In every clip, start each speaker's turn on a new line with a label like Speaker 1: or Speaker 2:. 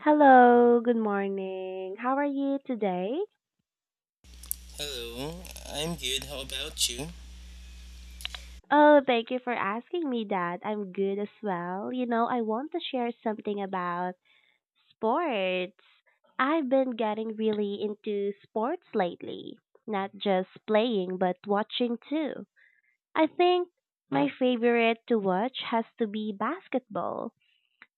Speaker 1: Hello, good morning. How are you today?
Speaker 2: Hello, I'm good. How about you?
Speaker 1: Oh, thank you for asking me that. I'm good as well. You know, I want to share something about sports. I've been getting really into sports lately, not just playing, but watching too. I think my favorite to watch has to be basketball.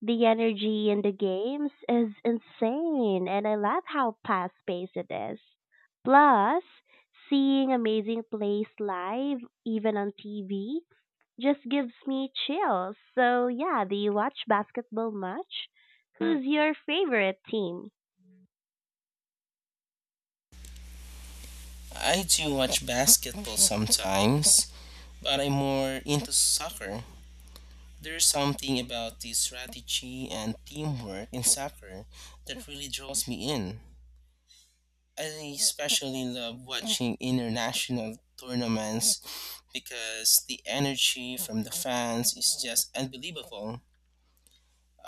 Speaker 1: The energy in the games is insane, and I love how fast paced it is. Plus, seeing amazing plays live, even on TV, just gives me chills. So, yeah, do you watch basketball much? Who's your favorite team?
Speaker 2: I do watch basketball sometimes, but I'm more into soccer. There's something about the strategy and teamwork in soccer that really draws me in. I especially love watching international tournaments because the energy from the fans is just unbelievable.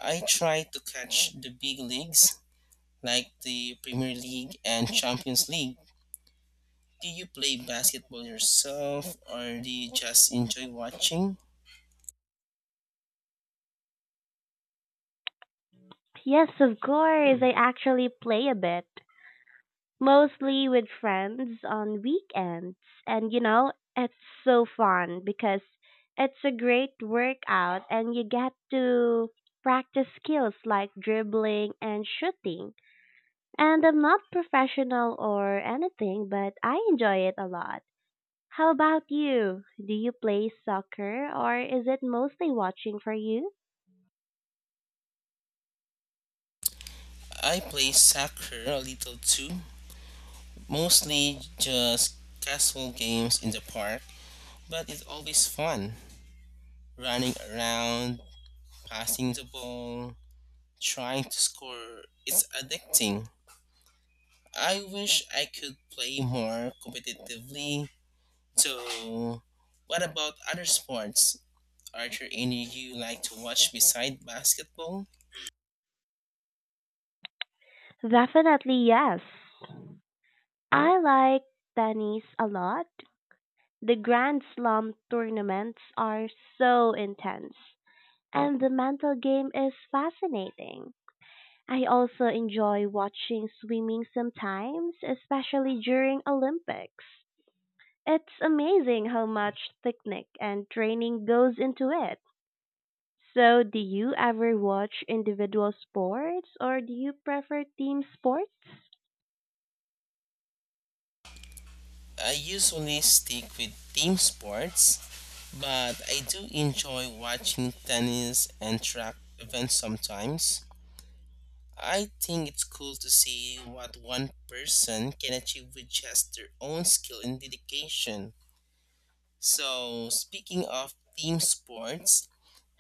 Speaker 2: I try to catch the big leagues like the Premier League and Champions League. Do you play basketball yourself or do you just enjoy watching?
Speaker 1: Yes, of course. I actually play a bit, mostly with friends on weekends. And you know, it's so fun because it's a great workout and you get to practice skills like dribbling and shooting. And I'm not professional or anything, but I enjoy it a lot. How about you? Do you play soccer or is it mostly watching for you?
Speaker 2: I play soccer a little too, mostly just casual games in the park, but it's always fun. Running around, passing the ball, trying to score, it's addicting. I wish I could play more competitively. So, what about other sports? Are there any you like to watch beside basketball?
Speaker 1: Definitely yes. I like tennis a lot. The Grand Slam tournaments are so intense, and the mental game is fascinating. I also enjoy watching swimming sometimes, especially during Olympics. It's amazing how much technique and training goes into it. So, do you ever watch individual sports or do you prefer team sports?
Speaker 2: I usually stick with team sports, but I do enjoy watching tennis and track events sometimes. I think it's cool to see what one person can achieve with just their own skill and dedication. So, speaking of team sports,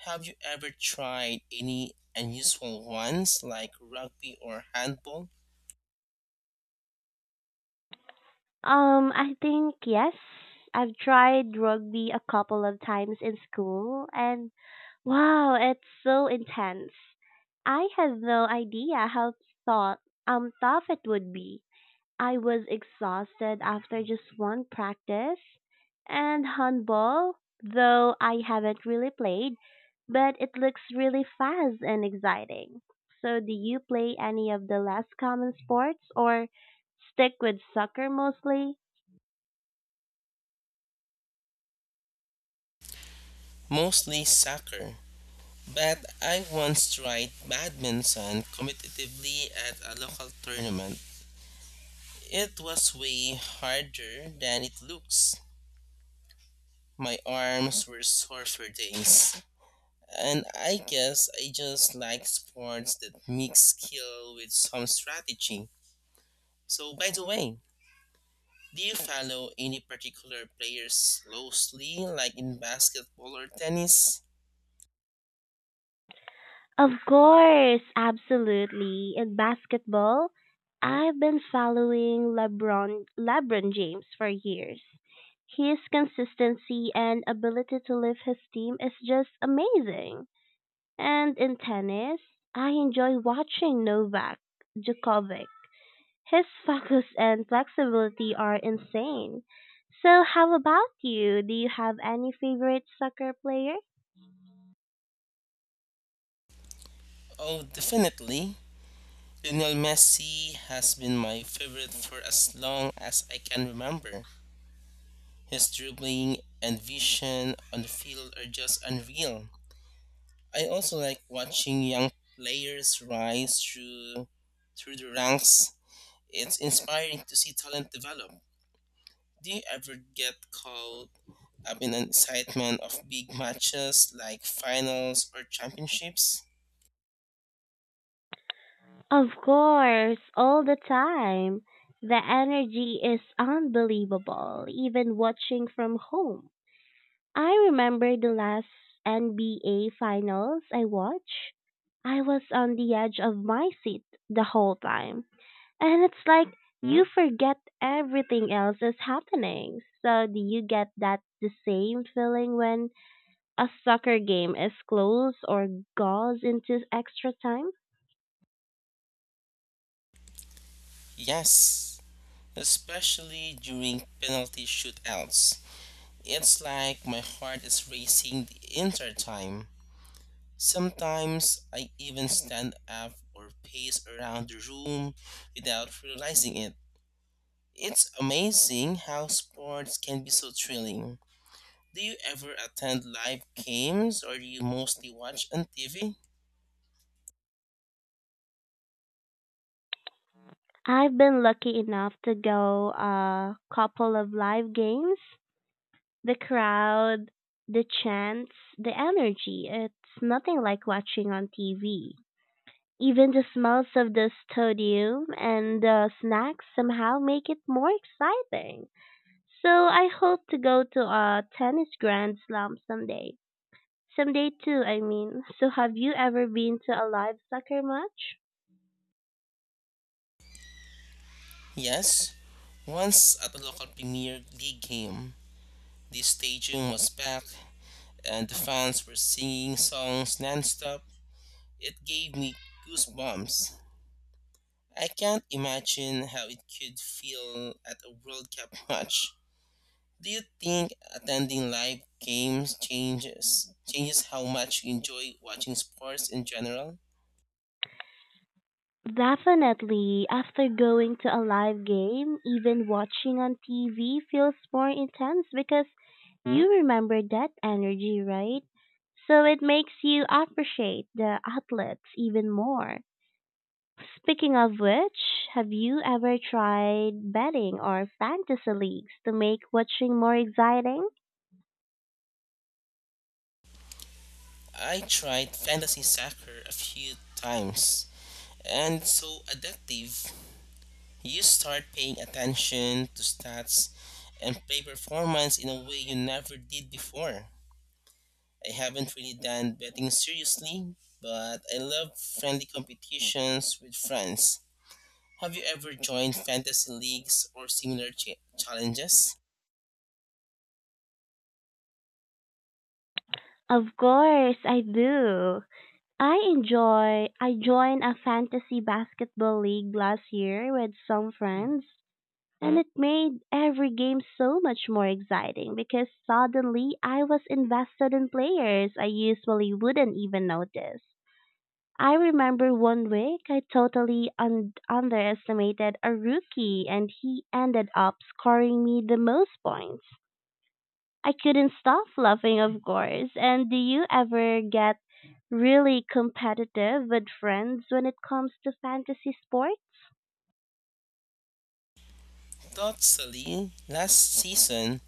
Speaker 2: have you ever tried any unusual ones like rugby or handball?
Speaker 1: I think yes. I've tried rugby a couple of times in school, and wow, it's so intense. I had no idea how thought tough it would be. I was exhausted after just one practice. And handball, though I haven't really played, but it looks really fast and exciting. So do you play any of the less common sports or stick with soccer mostly?
Speaker 2: Mostly soccer. But I once tried badminton competitively at a local tournament. It was way harder than it looks. My arms were sore for days. And I guess I just like sports that mix skill with some strategy. So, by the way, do you follow any particular players closely, like in basketball or tennis?
Speaker 1: Of course, absolutely. In basketball, I've been following LeBron James for years. His consistency and ability to lift his team is just amazing. And in tennis, I enjoy watching Novak Djokovic. His focus and flexibility are insane. So, how about you? Do you have any favorite soccer players?
Speaker 2: Oh, definitely. Lionel Messi has been my favorite for as long as I can remember. His dribbling and vision on the field are just unreal. I also like watching young players rise through the ranks. It's inspiring to see talent develop. Do you ever get caught up in the excitement of big matches like finals or championships?
Speaker 1: Of course, all the time. The energy is unbelievable, even watching from home. I remember the last NBA finals I watched. I was on the edge of my seat the whole time. And it's like you forget everything else is happening. So, do you get that the same feeling when a soccer game is close or goes into extra time?
Speaker 2: Yes, especially during penalty shootouts. It's like my heart is racing the entire time. Sometimes I even stand up or pace around the room without realizing it. It's amazing how sports can be so thrilling. Do you ever attend live games or do you mostly watch on TV?
Speaker 1: I've been lucky enough to go a couple of live games. The crowd, the chants, the energy, it's nothing like watching on TV. Even the smells of the stadium and the snacks somehow make it more exciting. So I hope to go to a tennis grand slam someday. Someday too, I mean. So have you ever been to a live soccer match?
Speaker 2: Yes, once at a local Premier League game, the stadium was packed and the fans were singing songs nonstop. It gave me goosebumps. I can't imagine how it could feel at a World Cup match. Do you think attending live games changes how much you enjoy watching sports in general?
Speaker 1: Definitely, after going to a live game, even watching on TV feels more intense because, Hmm? you remember that energy, right? So it makes you appreciate the outlets even more. Speaking of which, have you ever tried betting or fantasy leagues to make watching more exciting?
Speaker 2: I tried fantasy soccer a few times and it's so addictive. You start paying attention to stats and play performance in a way you never did before. I haven't really done betting seriously, but I love friendly competitions with friends. Have you ever joined fantasy leagues or similar challenges?
Speaker 1: Of course, I do. I joined a fantasy basketball league last year with some friends, and it made every game so much more exciting because suddenly I was invested in players I usually wouldn't even notice. I remember one week I totally underestimated a rookie and he ended up scoring me the most points. I couldn't stop laughing, of course. And do you ever get really competitive with friends when it comes to fantasy sports?
Speaker 2: Totally, last season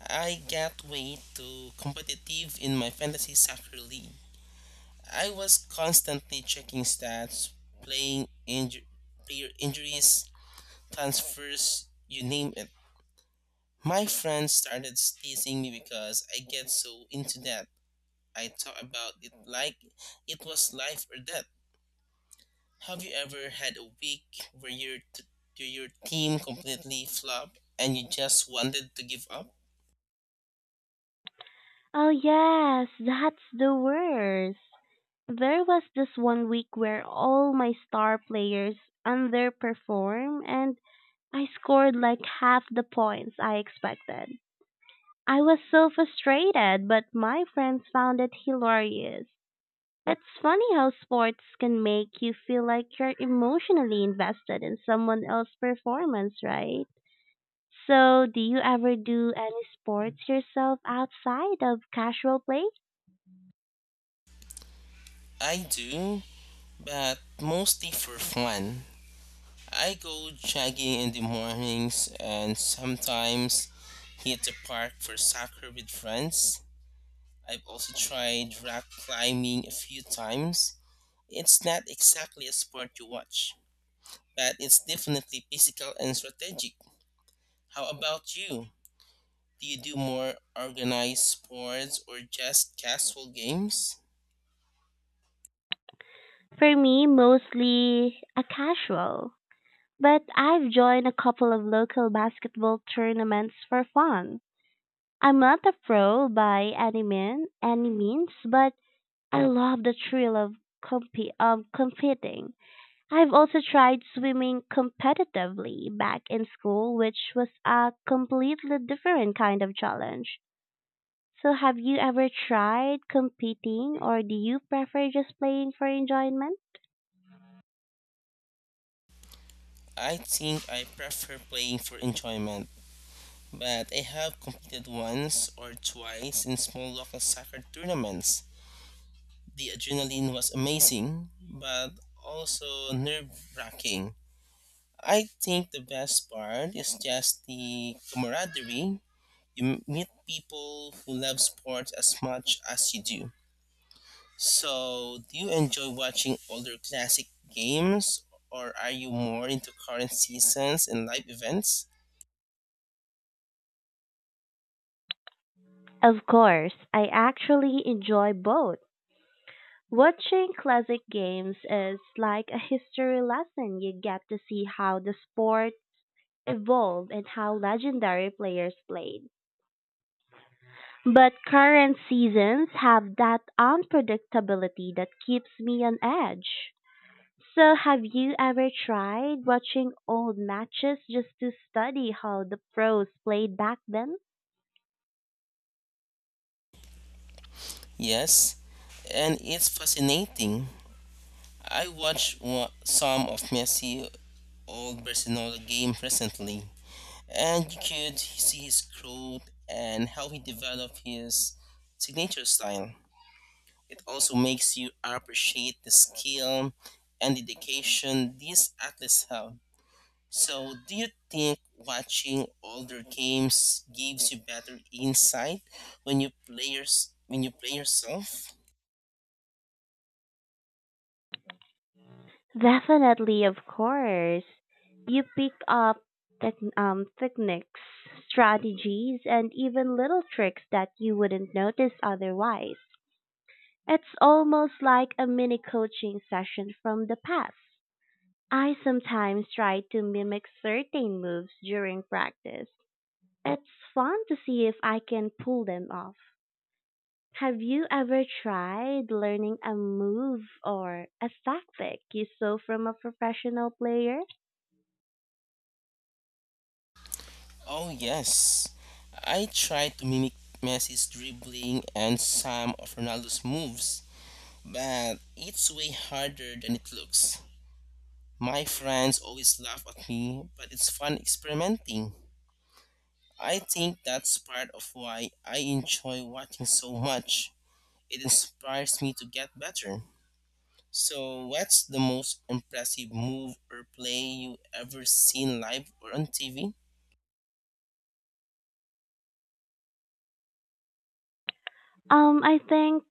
Speaker 2: I got way too competitive in my fantasy soccer league. I was constantly checking stats, playing inju- player injuries, transfers, you name it. My friends started teasing me because I get so into that. I talk about it like it was life or death. Have you ever had a week where your team completely flopped and you just wanted to give up?
Speaker 1: Oh, yes, that's the worst. There was this one week where all my star players underperformed and I scored like half the points I expected. I was so frustrated, but my friends found it hilarious. It's funny how sports can make you feel like you're emotionally invested in someone else's performance, right? So, do you ever do any sports yourself outside of casual play?
Speaker 2: I do, but mostly for fun. I go jogging in the mornings and sometimes hit the park for soccer with friends. I've also tried rock climbing a few times. It's not exactly a sport you watch, that is definitely physical and strategic. How about you? Do you do more organized sports or just casual games?
Speaker 1: For me, mostly a casual. But I've joined a couple of local basketball tournaments for fun. I'm not a pro by any means, but I love the thrill of comp- competing. I've also tried swimming competitively back in school, which was a completely different kind of challenge. So, have you ever tried competing, or do you prefer just playing for enjoyment?
Speaker 2: I think I prefer playing for enjoyment, but I have competed once or twice in small local soccer tournaments. The adrenaline was amazing, but also nerve wracking. I think the best part is just the camaraderie. You meet people who love sports as much as you do. So, do you enjoy watching older classic games or are you more into current seasons and live events?
Speaker 1: Of course, I actually enjoy both. Watching classic games is like a history lesson. You get to see how the sport evolved and how legendary players played. But current seasons have that unpredictability that keeps me on edge. So, have you ever tried watching old matches just to study how the pros played back then?
Speaker 2: Yes, and it's fascinating. I some of Messi old Barcelona game recently, and you could see his growth and how he developed his signature style. It also makes you appreciate the skill and dedication these athletes have. So, do you think watching older games gives you better insight when you play yourself?
Speaker 1: Definitely, of course. You pick up techniques, strategies, and even little tricks that you wouldn't notice otherwise. It's almost like a mini coaching session from the past. I sometimes try to mimic certain moves during practice. It's fun to see if I can pull them off. Have you ever tried learning a move or a tactic you saw from a professional player?
Speaker 2: Oh yes, I try to mimic Messi's dribbling and some of Ronaldo's moves, but it's way harder than it looks. My friends always laugh at me, but it's fun experimenting. I think that's part of why I enjoy watching so much. It inspires me to get better. So, what's the most impressive move or play you ever seen live or on TV?
Speaker 1: I think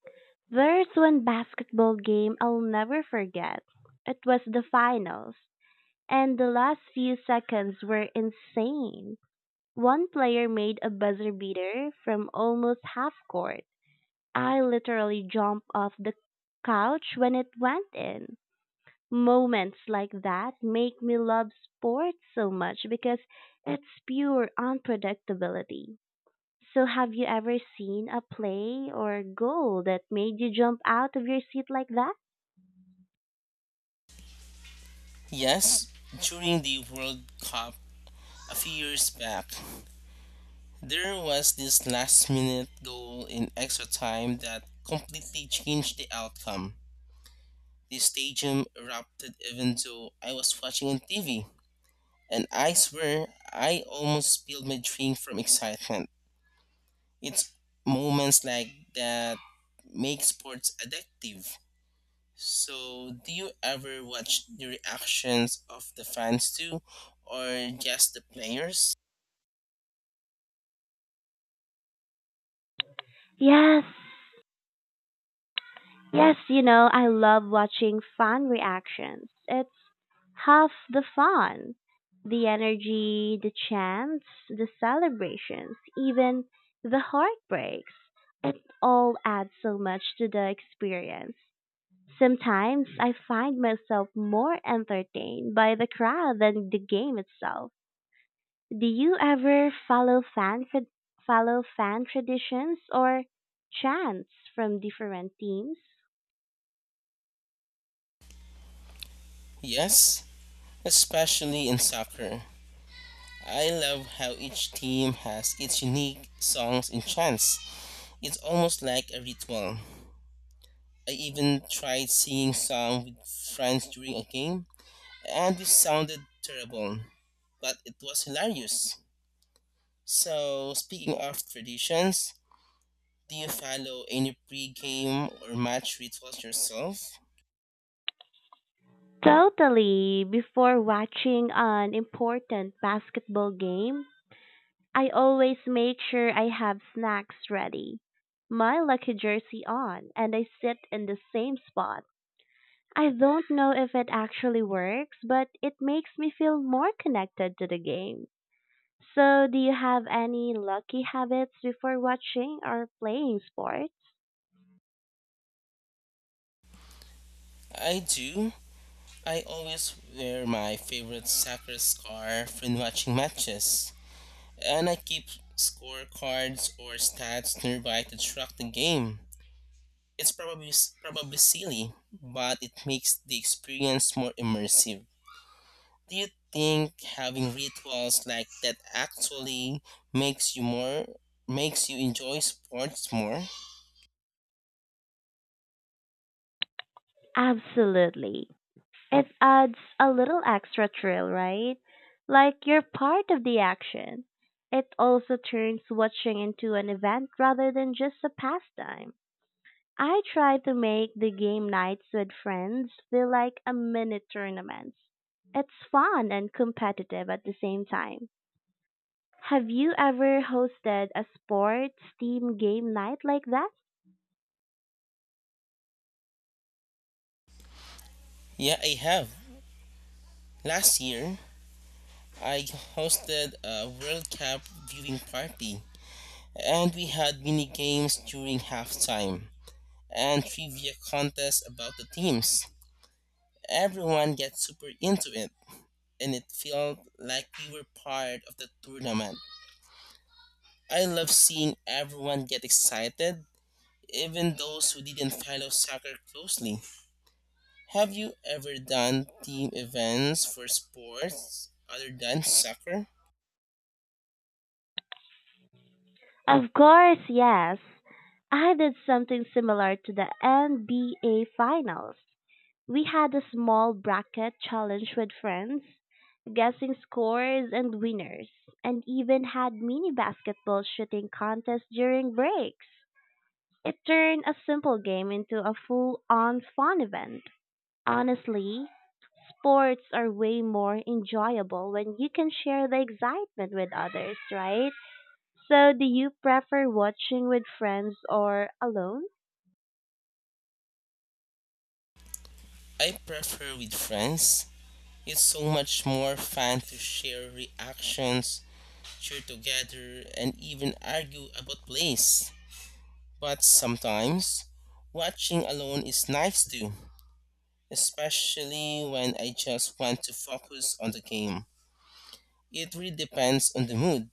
Speaker 1: there's one basketball game I'll never forget. It was the finals, and the last few seconds were insane. One player made a buzzer beater from almost half court. I literally jumped off the couch when it went in. Moments like that make me love sports so much because it's pure unpredictability. So have you ever seen a play or goal that made you jump out of your seat like that?
Speaker 2: Yes, during the World Cup a few years back, there was this last minute goal in extra time that completely changed the outcome. The stadium erupted even though I was watching on TV, and I swear I almost spilled my drink from excitement. It's moments like that make sports addictive. So, do you ever watch the reactions of the fans too, or just the players?
Speaker 1: Yes. Yes, you know, I love watching fan reactions. It's half the fun. The energy, the chants, the celebrations, even the heartbreaks. It all adds so much to the experience. Sometimes I find myself more entertained by the crowd than the game itself. Do you ever follow follow fan traditions or chants from different teams?
Speaker 2: Yes, especially in soccer. I love how each team has its unique songs and chants. It's almost like a ritual. I even tried singing song with friends during a game, and we sounded terrible, but it was hilarious. So, speaking of traditions, do you follow any pre-game or match rituals yourself?
Speaker 1: Totally. Before watching an important basketball game, I always make sure I have snacks ready, my lucky jersey on, and I sit in the same spot. I don't know if it actually works, but it makes me feel more connected to the game. So, do you have any lucky habits before watching or playing sports?
Speaker 2: I do. I always wear my favorite soccer scarf when watching matches, and I keep scorecards or stats nearby to track the game. It's probably silly, but it makes the experience more immersive. Do you think having rituals like that actually makes you more makes you enjoy sports more?
Speaker 1: Absolutely. It adds a little extra thrill, right? Like you're part of the action. It also turns watching into an event rather than just a pastime. I try to make the game nights with friends feel like a mini tournament. It's fun and competitive at the same time. Have you ever hosted a sports team game night like that?
Speaker 2: Yeah, I have. Last year, I hosted a World Cup viewing party, and we had mini games during halftime and trivia contests about the teams. Everyone got super into it, and it felt like we were part of the tournament. I love seeing everyone get excited, even those who didn't follow soccer closely. Have you ever done team events for sports other than soccer?
Speaker 1: Of course, yes. I did something similar to the NBA Finals. We had a small bracket challenge with friends, guessing scores and winners, and even had mini basketball shooting contests during breaks. It turned a simple game into a full on fun event. Honestly, sports are way more enjoyable when you can share the excitement with others, right? So, do you prefer watching with friends or alone?
Speaker 2: I prefer with friends. It's so much more fun to share reactions, cheer together, and even argue about plays. But sometimes, watching alone is nice too, especially when I just want to focus on the game. It really depends on the mood.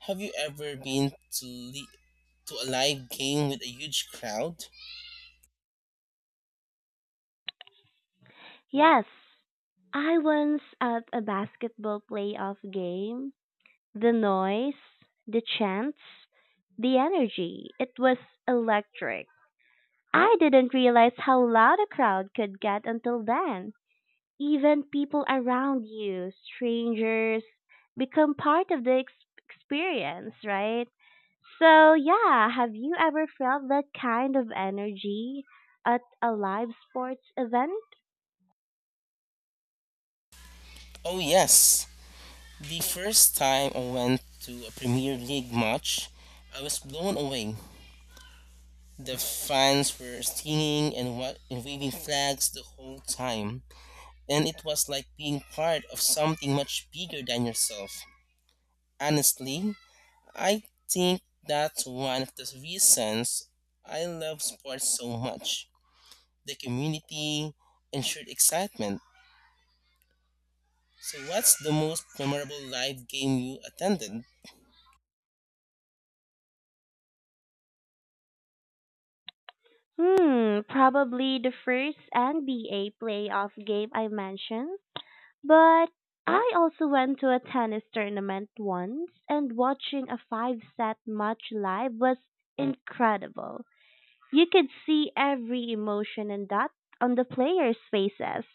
Speaker 2: Have you ever to a live game with a huge crowd?
Speaker 1: Yes, I once at a basketball playoff game, the noise, the chants, the energy, it was electric. I didn't realize how loud a crowd could get until then. Even people around you, strangers, become part of the experience, right? So, yeah, have you ever felt that kind of energy at a live sports event?
Speaker 2: Oh, yes. The first time I went to a Premier League match, I was blown away. The fans were singing and waving flags the whole time, and it was like being part of something much bigger than yourself. Honestly, I think that's one of the reasons I love sports so much, the community and shared excitement. So, what's the most memorable live game you attended?
Speaker 1: Hmm, probably the first NBA playoff game I mentioned. But I also went to a tennis tournament once, and watching a five set match live was incredible. You could see every emotion and that on the players' faces.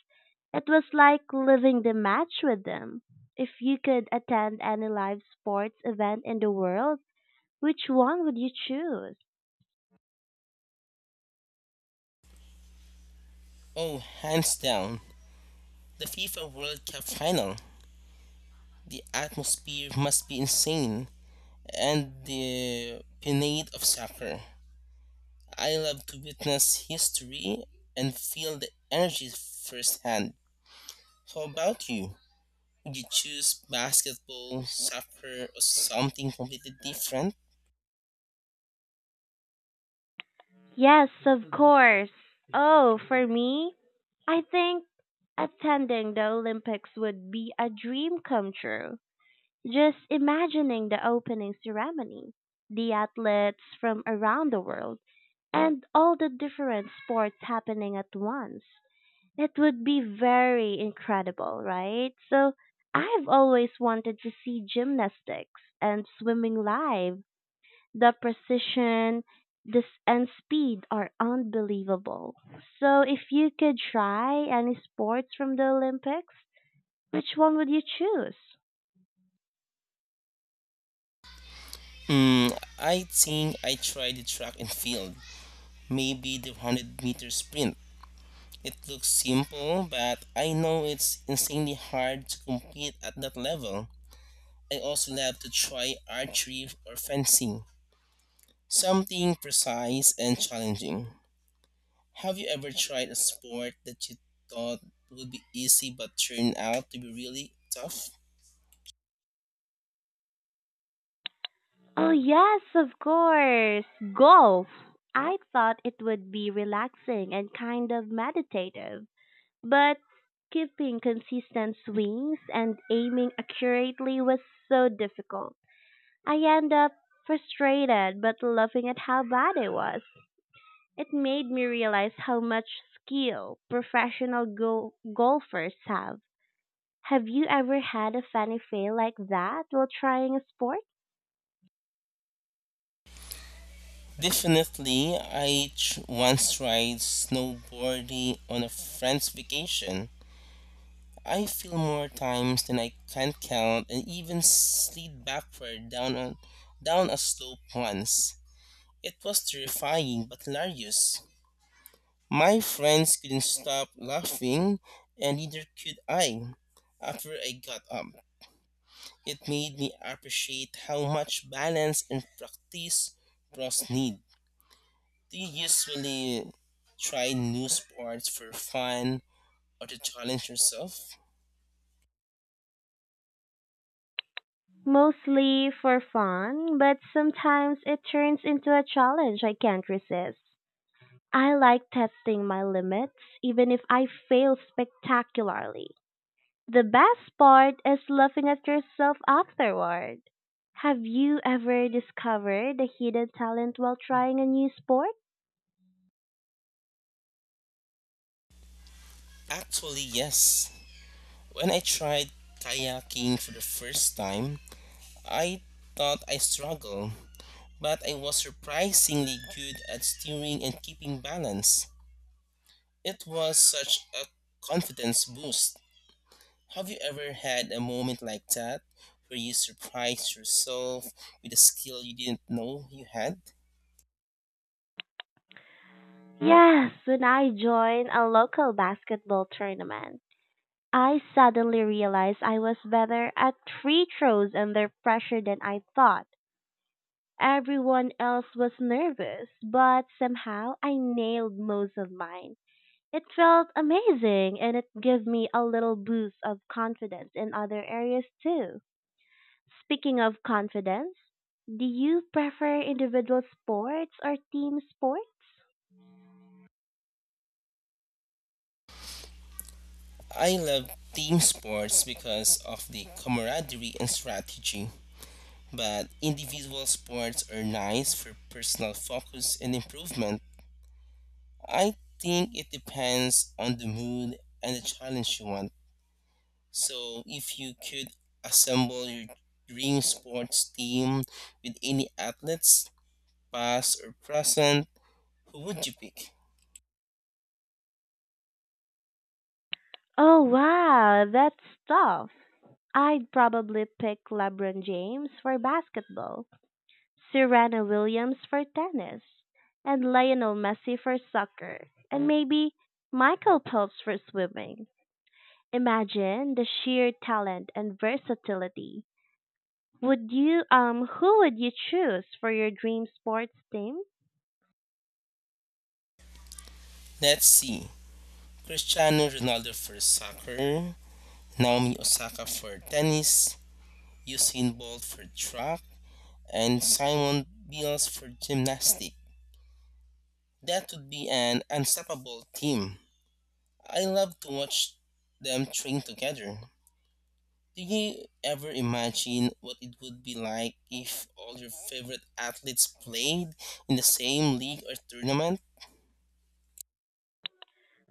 Speaker 1: It was like living the match with them. If you could attend any live sports event in the world, which one would you choose?
Speaker 2: Oh, hands down. The FIFA World Cup final, the atmosphere must be insane and the pinade of soccer. I love to witness history and feel the energy firsthand. How about you? Would you choose basketball, soccer, or something completely different?
Speaker 1: Yes, of course. Oh, for me, I think attending the Olympics would be a dream come true. Just imagining the opening ceremony, the athletes from around the world and all the different sports happening at once. It would be very incredible, right? So I've always wanted to see gymnastics and swimming live. The precision this and speed are unbelievable. So if you could try any sports from the Olympics, which one would you choose?
Speaker 2: Hmm, I think I try the track and field, maybe the 100-meter meter sprint. It looks simple, but I know it's insanely hard to compete at that level. I also love to try archery or fencing, something precise and challenging. Have you ever tried a sport that you thought would be easy but turned out to be really tough?
Speaker 1: Oh yes, of course. Golf. I thought it would be relaxing and kind of meditative. But keeping consistent swings and aiming accurately was so difficult. I ended up frustrated but laughing at how bad I was. It made me realize how much skill professional golfers have. Have you ever had a funny fail like that while trying a sport?
Speaker 2: Definitely, once tried snowboarding on a friend's vacation. I fell more times than I can count and even slid down a slope once. It was terrifying but hilarious. My friends couldn't stop laughing, and neither could I. After I got up, it made me appreciate how much balance and practice pros need. Do you usually try new sports for fun or to challenge yourself?
Speaker 1: Mostly for fun, but sometimes it turns into a challenge I can't resist. I like testing my limits even if I fail spectacularly. The best part is laughing at yourself afterward. Have you ever discovered a hidden talent while trying a new sport?
Speaker 2: Actually, yes. When I tried kayaking for the first time, I thought I struggled, but I was surprisingly good at steering and keeping balance. It was such a confidence boost. Have you ever had a moment like that where you surprised yourself with a skill you didn't know you had?
Speaker 1: Yes, when I joined a local basketball tournament, I suddenly realized I was better at free throws under pressure than I thought. Everyone else was nervous, but somehow I nailed most of mine. It felt amazing and it gave me a little boost of confidence in other areas too. Speaking of confidence, do you prefer individual sports or team sports?
Speaker 2: I love team sports because of the camaraderie and strategy, but individual sports are nice for personal focus and improvement. I think it depends on the mood and the challenge you want. So, if you could assemble your dream sports team with any athletes, past or present, who would you pick?
Speaker 1: Oh wow, that's tough. I'd probably pick LeBron James for basketball, Serena Williams for tennis, and Lionel Messi for soccer, and maybe Michael Phelps for swimming. Imagine the sheer talent and versatility. Would you who would you choose for your dream sports team?
Speaker 2: Let's see. Cristiano Ronaldo for soccer, Naomi Osaka for tennis, Usain Bolt for track, and Simon Biles for gymnastics. That would be an unstoppable team. I love to watch them train together. Do you ever imagine what it would be like if all your favorite athletes played in the same league or tournament?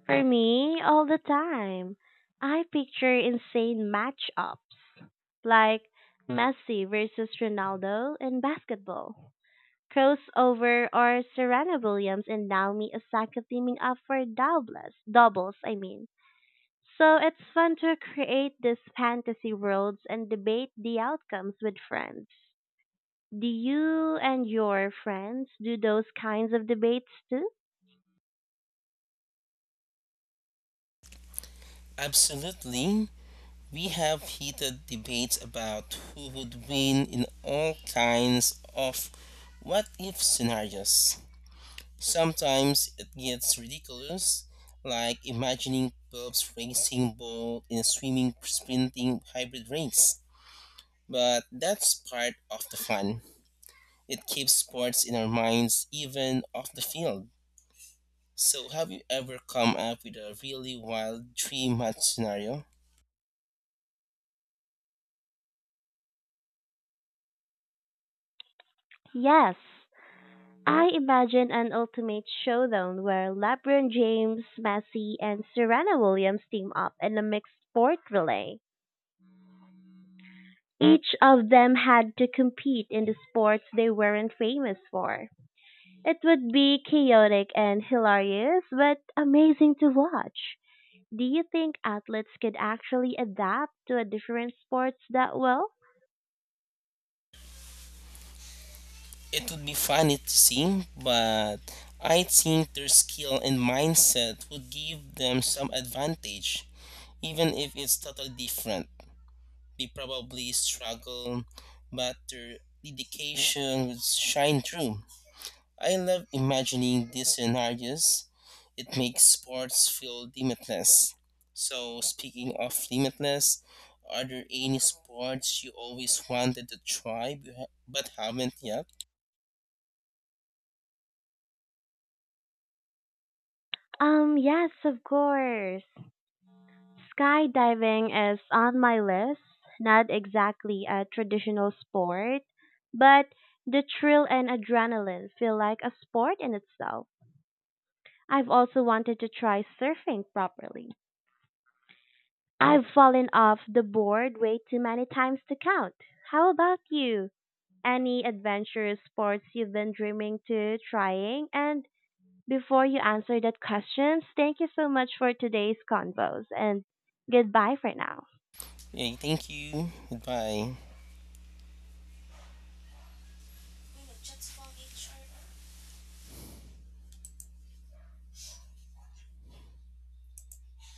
Speaker 1: For me, all the time. I picture insane matchups like Messi versus Ronaldo in basketball, crossover or Serena Williams and Naomi Osaka teaming up for I mean. So it's fun to create these fantasy worlds and debate the outcomes with friends. Do you and your friends do those kinds of debates too?
Speaker 2: Absolutely. We have heated debates about who would win in all kinds of what if scenarios. Sometimes it gets ridiculous, like imagining Bob's racing ball in a swimming sprinting hybrid race. But that's part of the fun. It keeps sports in our minds even off the field. So, have you ever come up with a really wild dream match scenario?
Speaker 1: Yes. I imagine an ultimate showdown where LeBron James, Messi, and Serena Williams team up in a mixed sport relay. Each of them had to compete in the sports they weren't famous for. It would be chaotic and hilarious, but amazing to watch. Do you think athletes could actually adapt to a different sports that well?
Speaker 2: It would be funny to see, but I think their skill and mindset would give them some advantage, even if it's totally different. They probably struggle, but their dedication would shine through. I love imagining these scenarios. It makes sports feel limitless. So, speaking of limitless, are there any sports you always wanted to try but haven't yet?
Speaker 1: Yes, of course. Skydiving is on my list. Not exactly a traditional sport, but the thrill and adrenaline feel like a sport in itself. I've also wanted to try surfing properly. I've fallen off the board way too many times to count. How about you? Any adventurous sports you've been dreaming to trying and before you answer that questions, thank you so much for today's convos and goodbye for now.
Speaker 2: Yeah, thank you. Goodbye.